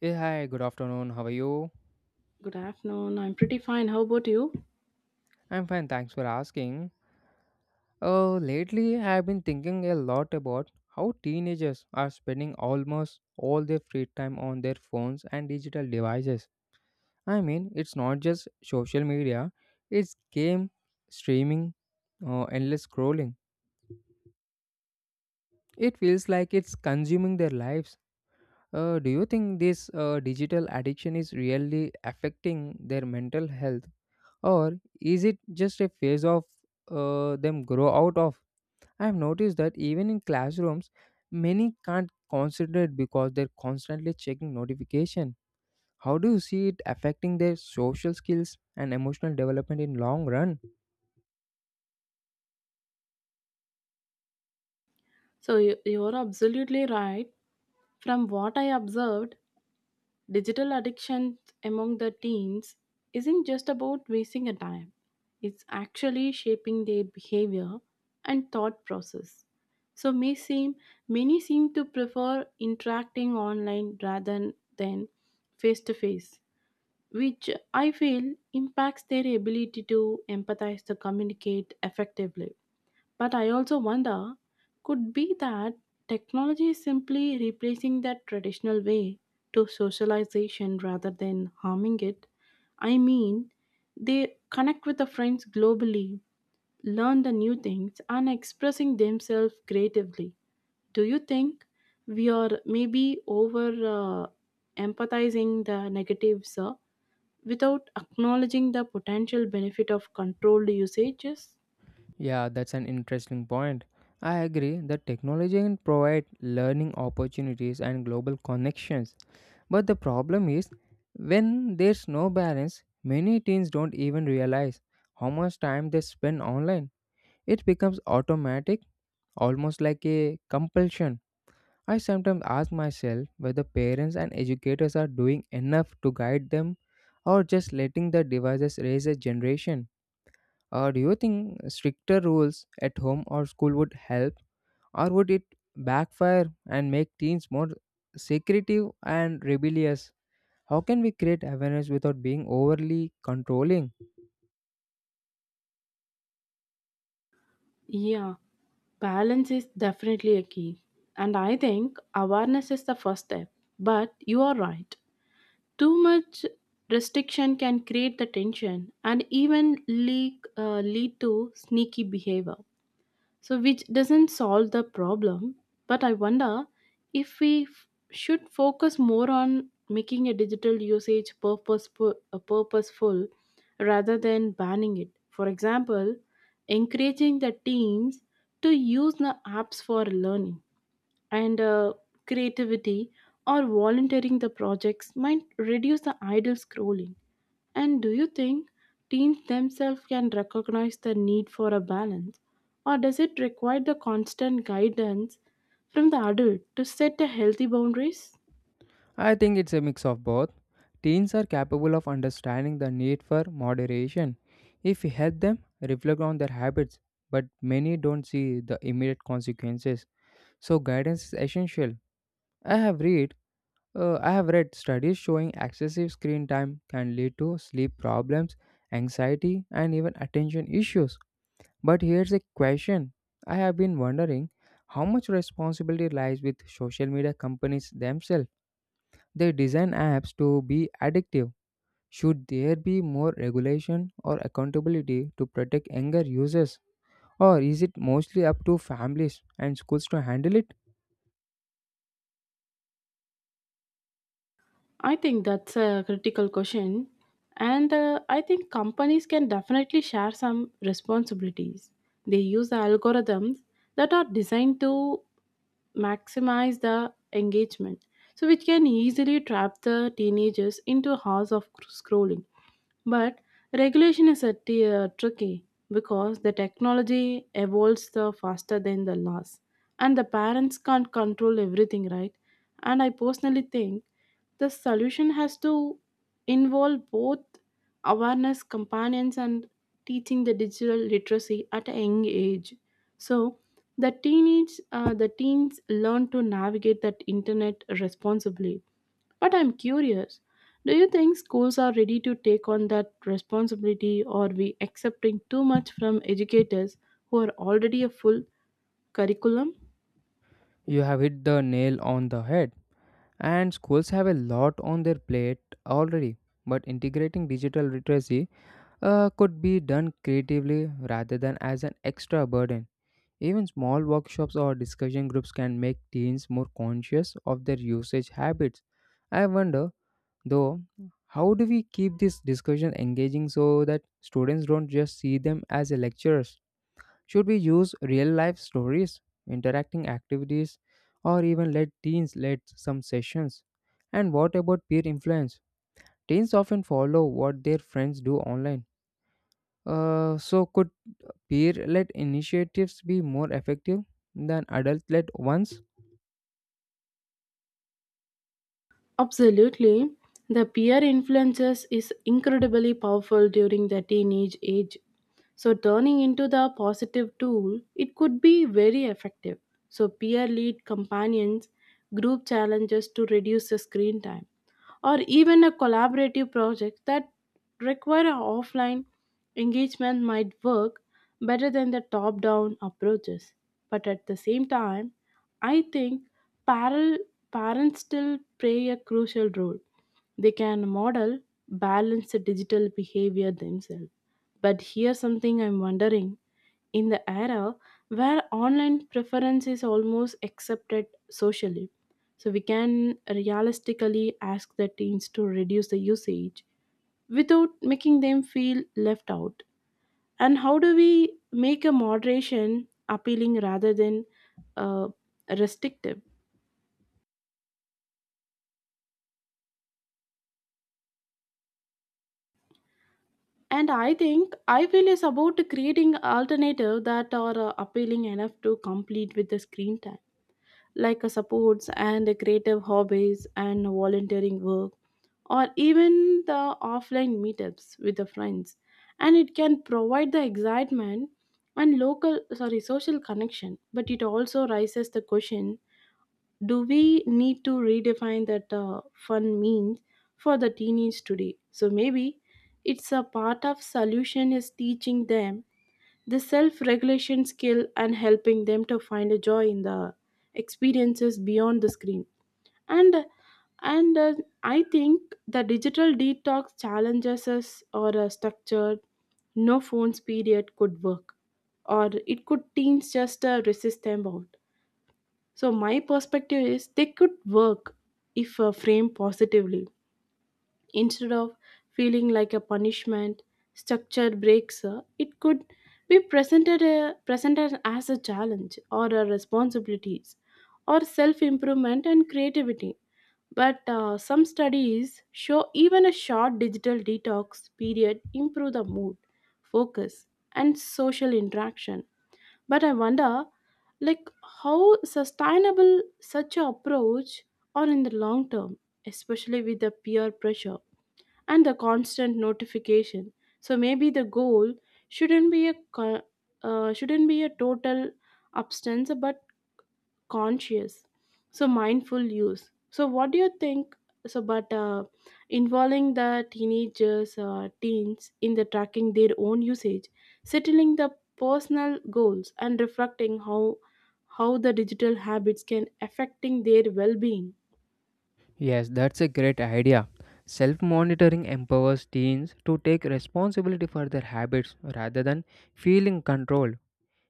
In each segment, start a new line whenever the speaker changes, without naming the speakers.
Hey, hi, good afternoon. How are you?
Good afternoon. I'm pretty fine. How about you?
I'm fine, thanks for asking. Lately, I've been thinking a lot about how teenagers are spending almost all their free time on their phones and digital devices. I mean, it's not just social media, it's game streaming, endless scrolling. It feels like it's consuming their lives. Do you think this digital addiction is really affecting their mental health? Or is it just a phase of them grow out of? I have noticed that even in classrooms, many can't concentrate because they're constantly checking notification. How do you see it affecting their social skills and emotional development in long run?
So, you're absolutely right. From what I observed, digital addiction among the teens isn't just about wasting a time, it's actually shaping their behavior and thought process. So, many seem to prefer interacting online rather than face to face, which I feel impacts their ability to empathize to communicate effectively. But I also wonder, could be that technology is simply replacing that traditional way to socialization rather than harming it. I mean, they connect with the friends globally, learn the new things, and expressing themselves creatively. Do you think we are maybe over uh, empathizing the negatives without acknowledging the potential benefit of controlled usages?
Yeah, that's an interesting point. I agree that technology can provide learning opportunities and global connections. But the problem is, when there's no balance, many teens don't even realize how much time they spend online. It becomes automatic, almost like a compulsion. I sometimes ask myself whether parents and educators are doing enough to guide them or just letting the devices raise a generation. Or do you think stricter rules at home or school would help, or would it backfire and make teens more secretive and rebellious? How can we create awareness without being overly controlling?
Yeah, balance is definitely a key. And I think awareness is the first step. But you are right. Too much restriction can create the tension and even lead to sneaky behavior, so which doesn't solve the problem, but I wonder if we f- should focus more on making a digital usage purposeful rather than banning it. For example, encouraging the teams to use the apps for learning and creativity or volunteering the projects might reduce the idle scrolling. And do you think teens themselves can recognize the need for a balance, or does it require the constant guidance from the adult to set a healthy boundaries?
I think it's a mix of both. Teens are capable of understanding the need for moderation. If we help them reflect on their habits, but many don't see the immediate consequences. So guidance is essential. I have read I have read studies showing excessive screen time can lead to sleep problems, anxiety, and even attention issues. But here's a question I have been wondering, how much responsibility lies with social media companies themselves? They design apps to be addictive. Should there be more regulation or accountability to protect younger users? Or is it mostly up to families and schools to handle it?
I think that's a critical question, and I think companies can definitely share some responsibilities. They use the algorithms that are designed to maximize the engagement, so which can easily trap the teenagers into hours of scrolling. But regulation is a tricky, because the technology evolves the faster than the laws, and the parents can't control everything, right? And I personally think the solution has to involve both awareness companions and teaching the digital literacy at a young age. So the teens learn to navigate that internet responsibly. But I'm curious, do you think schools are ready to take on that responsibility, or are we accepting too much from educators who are already a full curriculum?
You have hit the nail on the head. And schools have a lot on their plate already. But integrating digital literacy could be done creatively rather than as an extra burden. Even small workshops or discussion groups can make teens more conscious of their usage habits. I wonder, though, how do we keep this discussion engaging so that students don't just see them as lecturers? Should we use real life stories, interacting activities, or even let teens lead some sessions? And what about peer influence? Teens often follow what their friends do online. So, could peer led initiatives be more effective than adult led ones?
Absolutely. The peer influences is incredibly powerful during the teenage age. So turning into the positive tool, it could be very effective. So peer lead companions, group challenges to reduce the screen time, or even a collaborative project that require a offline engagement might work better than the top-down approaches. But at the same time, I think parallel Parents still play a crucial role. They can model balanced digital behavior themselves. But here's something I'm wondering, in the era where online preference is almost accepted socially, so we can realistically ask the teens to reduce the usage without making them feel left out. And how do we make a moderation appealing rather than uh, restrictive? And I think I feel is about creating alternative that are appealing enough to complete with the screen time, like supports and a creative hobbies and volunteering work, or even the offline meetups with the friends. And it can provide the excitement and local sorry social connection, but it also raises the question, do we need to redefine that fun means for the teenage today? So maybe it's a part of solution is teaching them the self regulation skill and helping them to find a joy in the experiences beyond the screen. And and uh, I think the digital detox challenges us or a structured no phones period could work, or it could teens just resist them out. So, my perspective is they could work if framed positively. Instead of feeling like a punishment, structured breaks, it could be presented as a challenge or a responsibilities or self improvement and creativity. But some studies show even a short digital detox period improve the mood, focus, and social interaction. But I wonder, like, how sustainable such a approach are in the long term, especially with the peer pressure and the constant notification. So maybe the goal shouldn't be a shouldn't be a total abstinence, but conscious, so mindful use. So what do you think? So but Involving the teenagers teens in the tracking their own usage, settling the personal goals and reflecting how the digital habits can affecting their well-being.
Yes, that's a great idea. Self monitoring empowers teens to take responsibility for their habits rather than feeling controlled.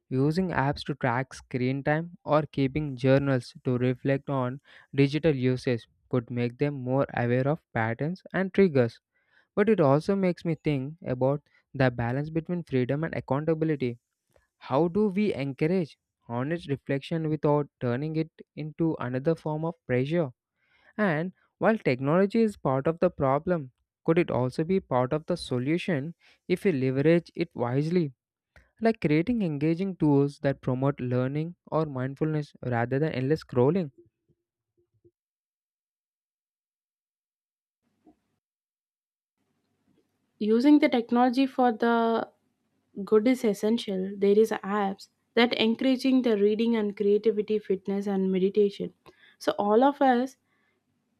Using apps to track screen time or keeping journals to reflect on digital usage could make them more aware of patterns and triggers. But it also makes me think about the balance between freedom and accountability. How do we encourage honest reflection without turning it into another form of pressure? And while technology is part of the problem, could it also be part of the solution if we leverage it wisely? Like creating engaging tools that promote learning or mindfulness rather than endless scrolling.
Using the technology for the good is essential. There is apps that encouraging the reading and creativity, fitness and meditation, so all of us,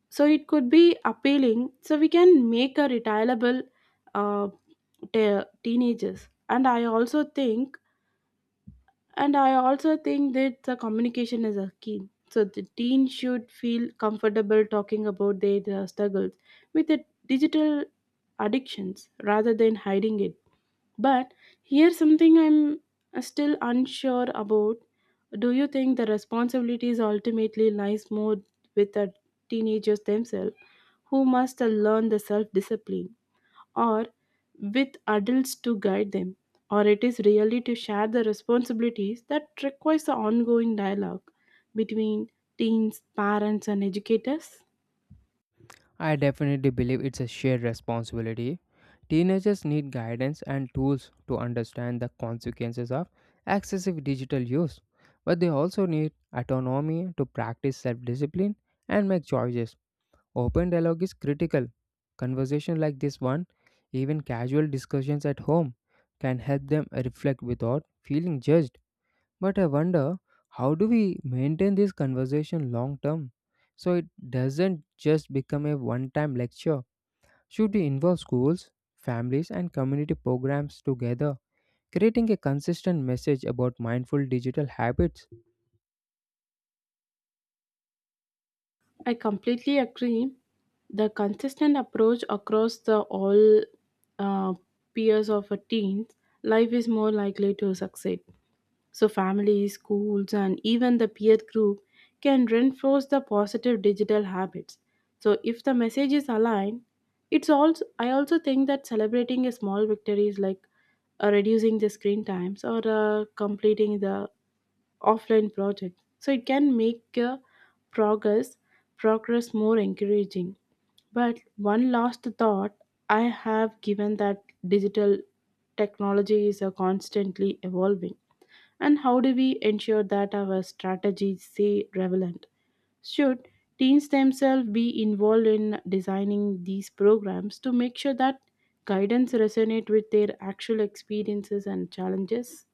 so it could be appealing, so we can make a retireable uh, teenagers. And I also think that the communication is a key. So the teen should feel comfortable talking about their struggles with the digital addictions rather than hiding it. But here's something I'm still unsure about. Do you think the responsibilities ultimately lies more with the teenagers themselves, who must learn the self-discipline, or with adults to guide them, or it is really to share the responsibilities that requires the ongoing dialogue between teens, parents, and educators?
I definitely believe it's a shared responsibility. Teenagers need guidance and tools to understand the consequences of excessive digital use, but they also need autonomy to practice self discipline and make choices. Open dialogue is critical. Conversation like this one, even casual discussions at home, can help them reflect without feeling judged. But I wonder, how do we maintain this conversation long term so it doesn't just become a one time lecture? Should we involve schools, families, and community programs together, creating a consistent message about mindful digital habits?
I completely agree. The consistent approach across the all uh, peers of a teen's life is more likely to succeed. So, families, schools, and even the peer group can reinforce the positive digital habits. So, if the message is aligned, it's also I also think that celebrating a small victories like reducing the screen times or completing the offline project, so it can make progress progress more encouraging. But one last thought, I have given that digital technology is constantly evolving, and how do we ensure that our strategies stay relevant? Should teens themselves be involved in designing these programs to make sure that guidance resonate with their actual experiences and challenges?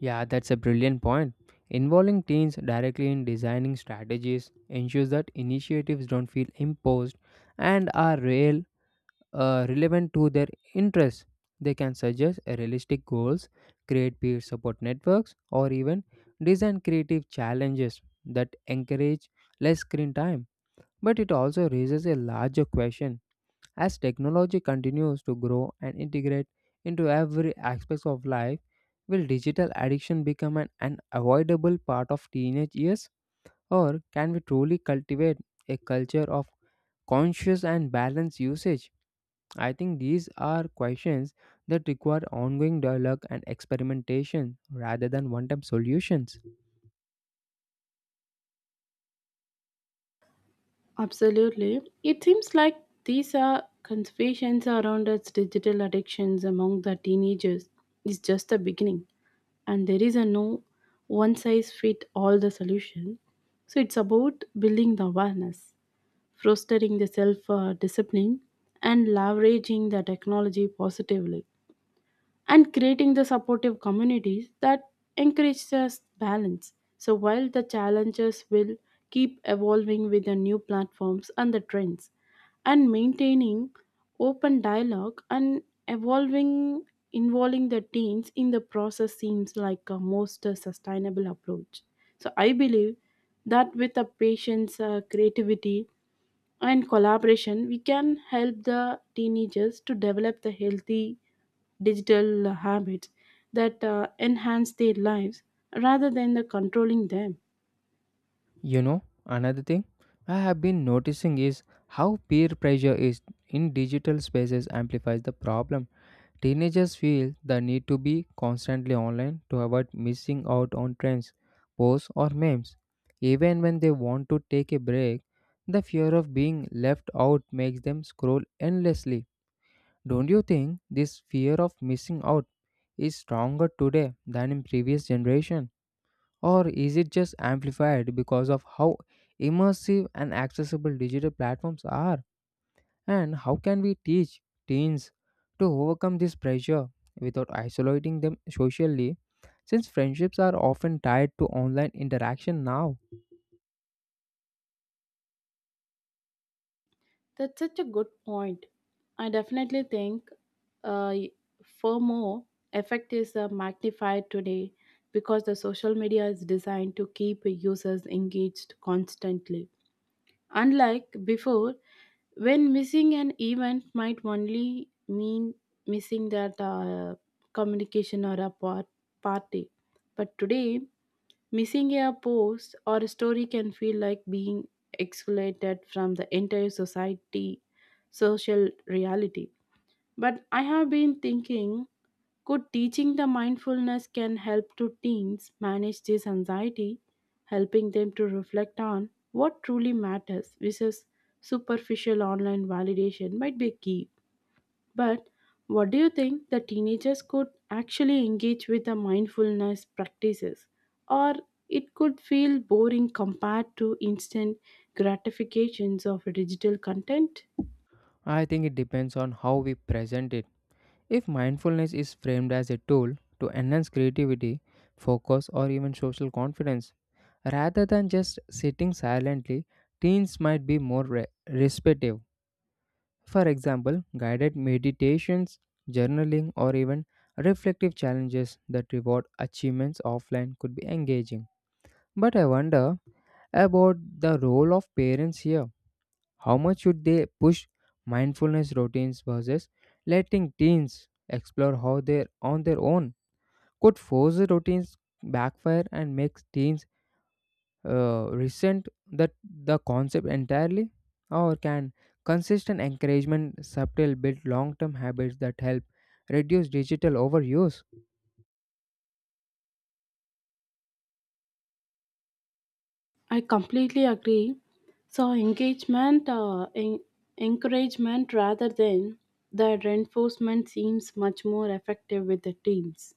Yeah, that's a brilliant point. Involving teens directly in designing strategies ensures that initiatives don't feel imposed and are real relevant to their interests. They can suggest a realistic goals, create peer support networks, or even design creative challenges that encourage less screen time. But it also raises a larger question as technology continues to grow and integrate into every aspect of life. Will digital addiction become an unavoidable part of teenage years, or can we truly cultivate a culture of conscious and balanced usage? I think these are questions that require ongoing dialogue and experimentation rather than one time solutions.
Absolutely. It seems like these are conversations around its digital addictions among the teenagers is just the beginning, and there is a no one size fit all the solution. So it's about building the awareness, fostering the self discipline and leveraging the technology positively and creating the supportive communities that encourage us balance. So while the challenges will keep evolving with the new platforms and the trends, and maintaining open dialogue and evolving involving the teens in the process seems like a most sustainable approach. So I believe that with the patience, creativity and collaboration, we can help the teenagers to develop the healthy digital habits that enhance their lives rather than the controlling them.
You know, another thing I have been noticing is how peer pressure is in digital spaces amplifies the problem. Teenagers feel the need to be constantly online to avoid missing out on trends, posts, or memes. Even when they want to take a break, the fear of being left out makes them scroll endlessly. Don't you think this fear of missing out is stronger today than in previous generation, or is it just amplified because of how immersive and accessible digital platforms are, and how can we teach teens to overcome this pressure without isolating them socially since friendships are often tied to online interaction now?
That's such a good point. I definitely think uh, FOMO effect is magnified today because the social media is designed to keep users engaged constantly. Unlike before, when missing an event might only mean missing that communication or a party. But today, missing a post or a story can feel like being excluded from the entire social reality. But I have been thinking, could teaching the mindfulness can help to teens manage this anxiety? Helping them to reflect on what truly matters versus superficial online validation might be key. But what do you think? The teenagers could actually engage with the mindfulness practices, or it could feel boring compared to instant gratifications of digital content?
I think it depends on how we present it. If mindfulness is framed as a tool to enhance creativity, focus, or even social confidence, rather than just sitting silently, teens might be more respective. For example, guided meditations, journaling, or even reflective challenges that reward achievements offline could be engaging. But I wonder about the role of parents here, how much should they push mindfulness routines versus letting teens explore how they're on their own? Could forced routines backfire and make teens resent that the concept entirely? Or can consistent encouragement subtle build long-term habits that help reduce digital overuse?
I completely agree. So encouragement rather than the reinforcement seems much more effective with the teams.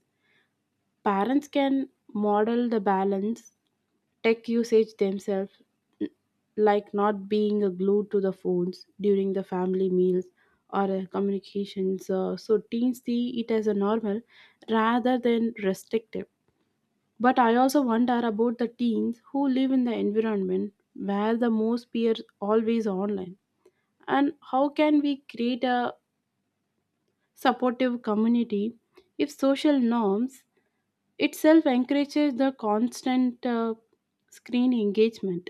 Parents can model the balance, tech usage themselves, n- like not being glued to the phones during the family meals or communications. So teens see it as a normal rather than restrictive. But I also wonder about the teens who live in the environment where the most peers always online. And how can we create a supportive community if social norms itself encourages the constant screen engagement?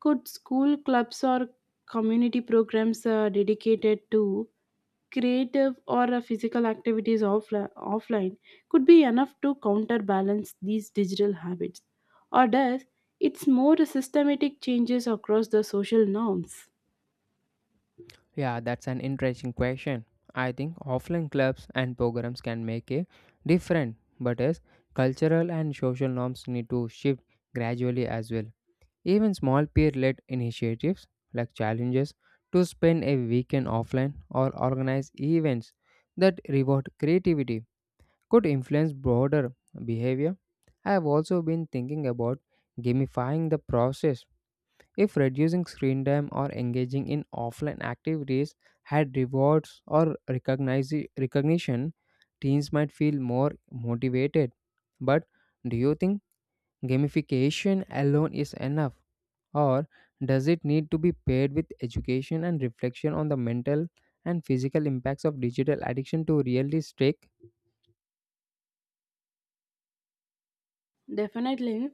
Could school clubs or community programs dedicated to creative or physical activities offline could be enough to counterbalance these digital habits? Or does it's more systematic changes across the social norms?
Yeah, that's an interesting question. I think offline clubs and programs can make a difference, but as cultural and social norms need to shift gradually as well. Even small peer-led initiatives like challenges to spend a weekend offline or organize events that reward creativity could influence broader behavior. I have also been thinking about gamifying the process. If reducing screen time or engaging in offline activities had rewards or recognition, teens might feel more motivated. But do you think gamification alone is enough, or does it need to be paired with education and reflection on the mental and physical impacts of digital addiction to really stick?
Definitely.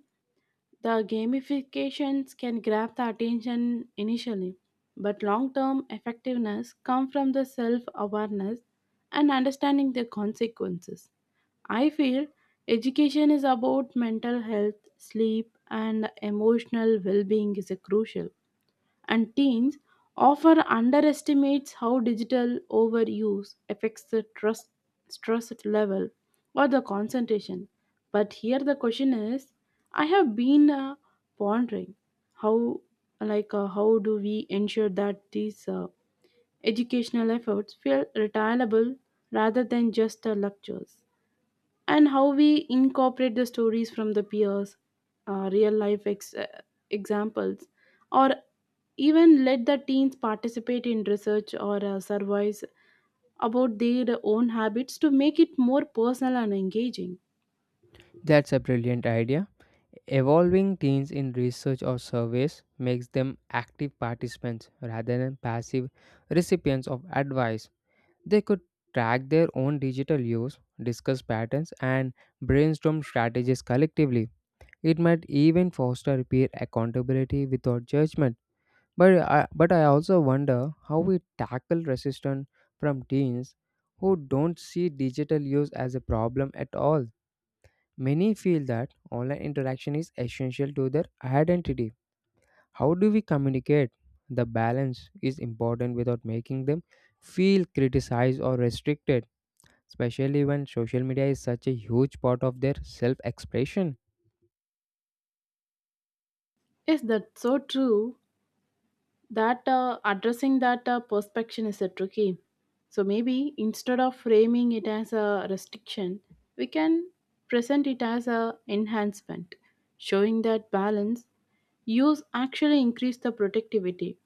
The gamifications can grab the attention initially, but long term effectiveness comes from the self awareness and understanding the consequences. I feel education is about mental health, sleep, and emotional well being is a crucial, and teens often underestimates how digital overuse affects the trust, stress level or the concentration. But here the question is, I have been pondering how, like, how do we ensure that these educational efforts feel retailable rather than just lectures? And how we incorporate the stories from the peers, real life examples, or even let the teens participate in research or surveys about their own habits to make it more personal and engaging.
That's a brilliant idea. Evolving teens in research or surveys makes them active participants rather than passive recipients of advice. They could track their own digital use, discuss patterns, and brainstorm strategies collectively. It might even foster peer accountability without judgment. But I also wonder how we tackle resistance from teens who don't see digital use as a problem at all. Many feel that online interaction is essential to their identity. How do we communicate? The balance is important without making them feel criticized or restricted, especially when social media is such a huge part of their self expression.
Yes, that's so true. That addressing that perspection is a tricky, so maybe instead of framing it as a restriction, we can present it as a enhancement, showing that balance use actually increase the productivity,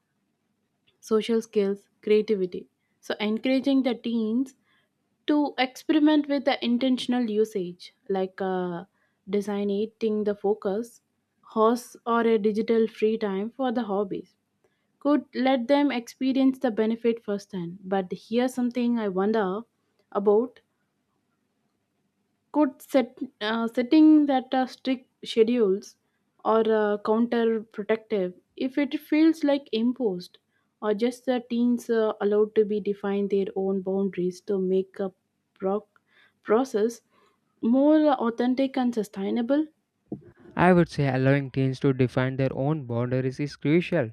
social skills, creativity. So encouraging the teens to experiment with the intentional usage, like designating the focus horse or a digital free time for the hobbies, could let them experience the benefit firsthand. But here's something I wonder about: could set setting that strict schedules or counterproductive if it feels like imposed, or just the teens allowed to be define their own boundaries to make a proc- process more authentic and sustainable?
I would say allowing teens to define their own boundaries is crucial.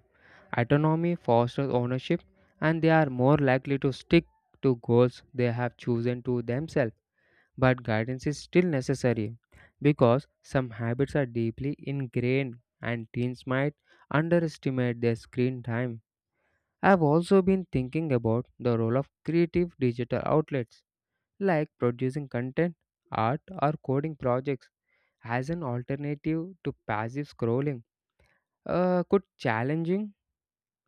Autonomy fosters ownership, and they are more likely to stick to goals they have chosen to themselves. But guidance is still necessary because some habits are deeply ingrained and teens might underestimate their screen time. I've also been thinking about the role of creative digital outlets like producing content, art, or coding projects as an alternative to passive scrolling. Could challenging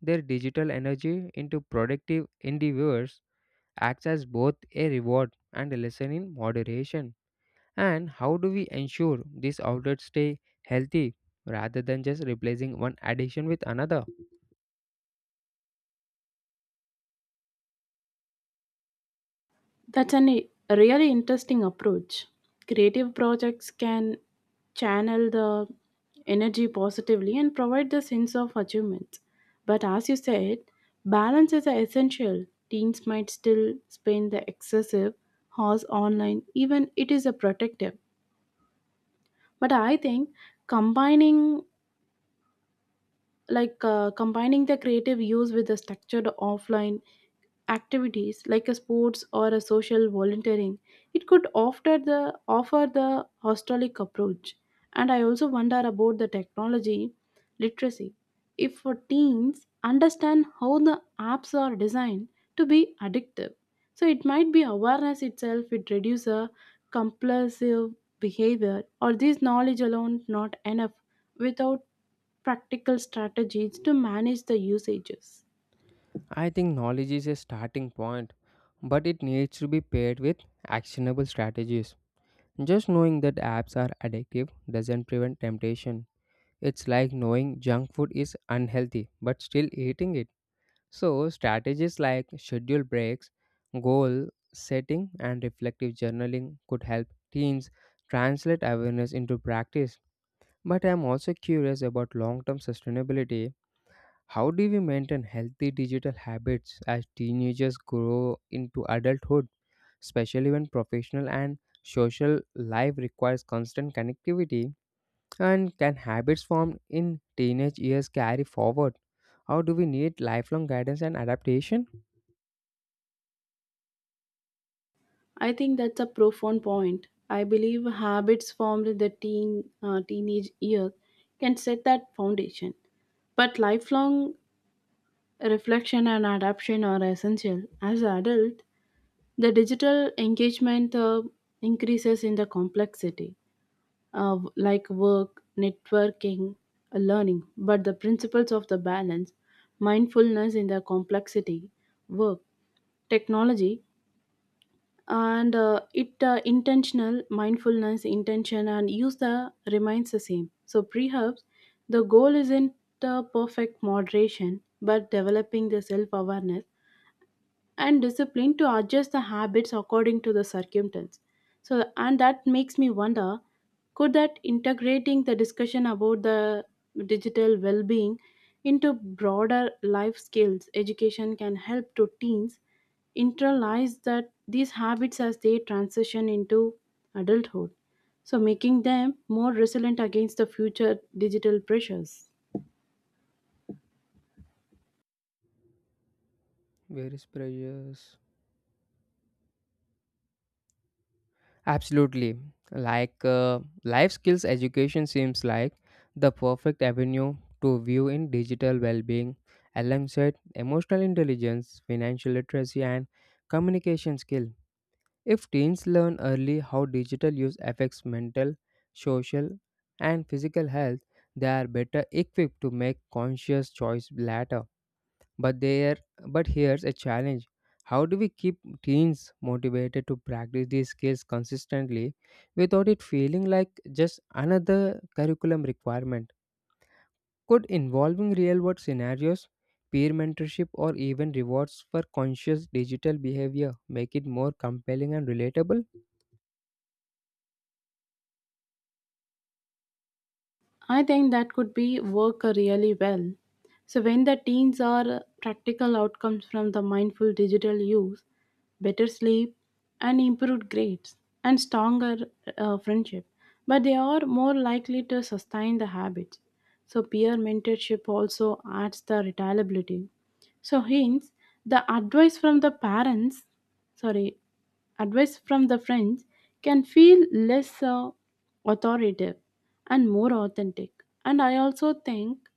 their digital energy into productive endeavors acts as both a reward and a lesson in moderation. And how do we ensure these outlets stay healthy rather than just replacing one addiction with another?
That's a really interesting approach. Creative projects can channel the energy positively and provide the sense of achievement. But as you said, balance is essential. Teens might still spend the excessive hours online, even it is a protective. But I think combining combining the creative use with the structured offline activities like a sports or a social volunteering, it could offer the hostelic approach. And I also wonder about the technology literacy, if for teens understand how the apps are designed to be addictive, so it might be awareness itself it reduce a compulsive behavior, or this knowledge alone not enough without practical strategies to manage the usages.
I think knowledge is a starting point, but it needs to be paired with actionable strategies. Just knowing that apps are addictive doesn't prevent temptation. It's like knowing junk food is unhealthy but still eating it. So, strategies like schedule breaks, goal setting, and reflective journaling could help teens translate awareness into practice. But I'm also curious about long term sustainability. How do we maintain healthy digital habits as teenagers grow into adulthood, especially when professional and social life requires constant connectivity? And can habits formed in teenage years carry forward? How do we need lifelong guidance and adaptation?
I think that's a profound point. I believe habits formed in the teenage years can set that foundation. But lifelong reflection and adaptation are essential. As adult, the digital engagement increases in the complexity of like work, networking, learning, but the principles of the balance, mindfulness in the complexity, work, technology, and it intentional mindfulness intention and use the remains the same. So perhaps the goal isn't the perfect moderation, but developing the self-awareness and discipline to adjust the habits according to the circumstance. So and that makes me wonder, could that integrating the discussion about the digital well-being into broader life skills education can help to teens internalize that these habits as they transition into adulthood, so making them more resilient against the future digital pressures?
Various pressures. Absolutely. Like life skills education seems like the perfect avenue to view in digital well-being alongside emotional intelligence, financial literacy and communication skill. If teens learn early how digital use affects mental, social and physical health, they are better equipped to make conscious choice later. But there but here's a challenge. How do we keep teens motivated to practice these skills consistently without it feeling like just another curriculum requirement? Could involving real world scenarios, peer mentorship, or even rewards for conscious digital behavior make it more compelling and relatable?
I think that could be work really well. So when the teens are practical outcomes from the mindful digital use, better sleep and improved grades and stronger friendship, but they are more likely to sustain the habits. So peer mentorship also adds the reliability. So hence the advice from the parents, sorry, advice from the friends can feel less authoritative and more authentic. And I also think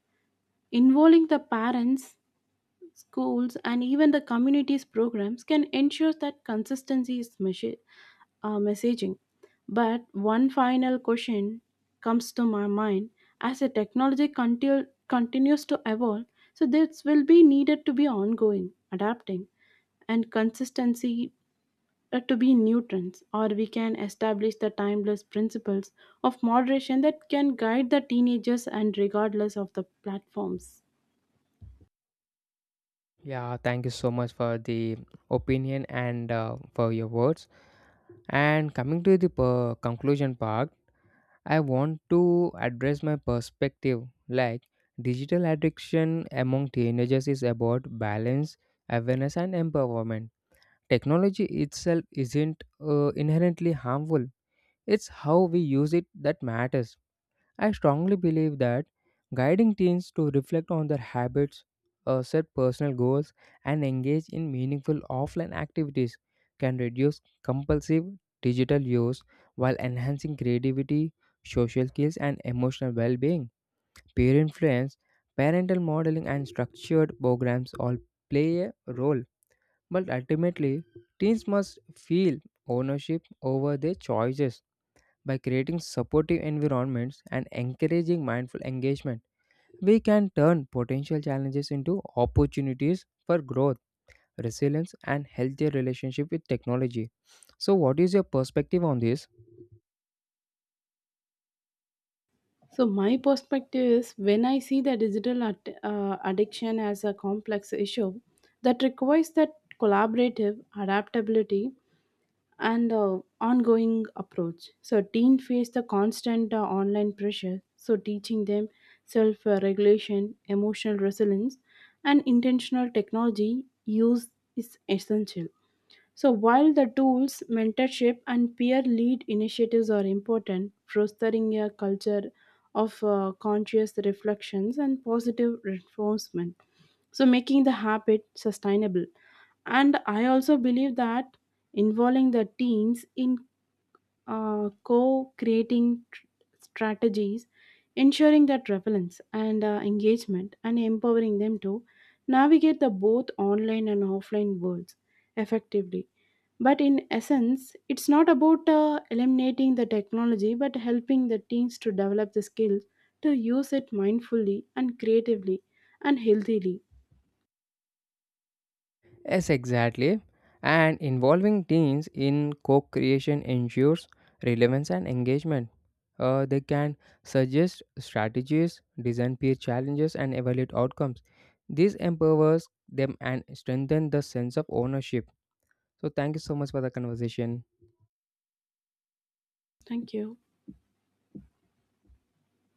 involving the parents, schools, and even the communities programs can ensure that consistency is measured messaging. But one final question comes to my mind, as the technology continues to evolve, so this will be needed to be ongoing, adapting, and consistency to be nutrients, or we can establish the timeless principles of moderation that can guide the teenagers and regardless of the platforms.
Yeah, thank you so much for the opinion and for your words. And coming to the conclusion part, I want to address my perspective, like, digital addiction among teenagers is about balance, awareness, and empowerment. Technology itself isn't inherently harmful, it's how we use it that matters. I strongly believe that guiding teens to reflect on their habits, set personal goals, and engage in meaningful offline activities can reduce compulsive digital use while enhancing creativity, social skills, and emotional well being. Peer influence, parental modeling, and structured programs all play a role, but ultimately, teens must feel ownership over their choices by creating supportive environments and encouraging mindful engagement, we can turn potential challenges into opportunities for growth, resilience, and healthier relationship with technology. So, what is your perspective on this?
So, my perspective is when I see the addiction as a complex issue that requires that collaborative adaptability and ongoing approach. So teens face the constant online pressure. So teaching them self-regulation, emotional resilience, and intentional technology use is essential. So while the tools, mentorship, and peer lead initiatives are important, fostering a culture of conscious reflections and positive reinforcement. So making the habit sustainable. And I also believe that involving the teams in uh, co-creating tr- strategies, ensuring that relevance and engagement and empowering them to navigate the both online and offline worlds effectively. But in essence it's not about eliminating the technology, but helping the teams to develop the skills to use it mindfully and creatively and healthily.
Yes, exactly. And involving teens in co creation ensures relevance and engagement. They can suggest strategies, design peer challenges, and evaluate outcomes. This empowers them and strengthens the sense of ownership. So thank you so much for the conversation.
Thank you.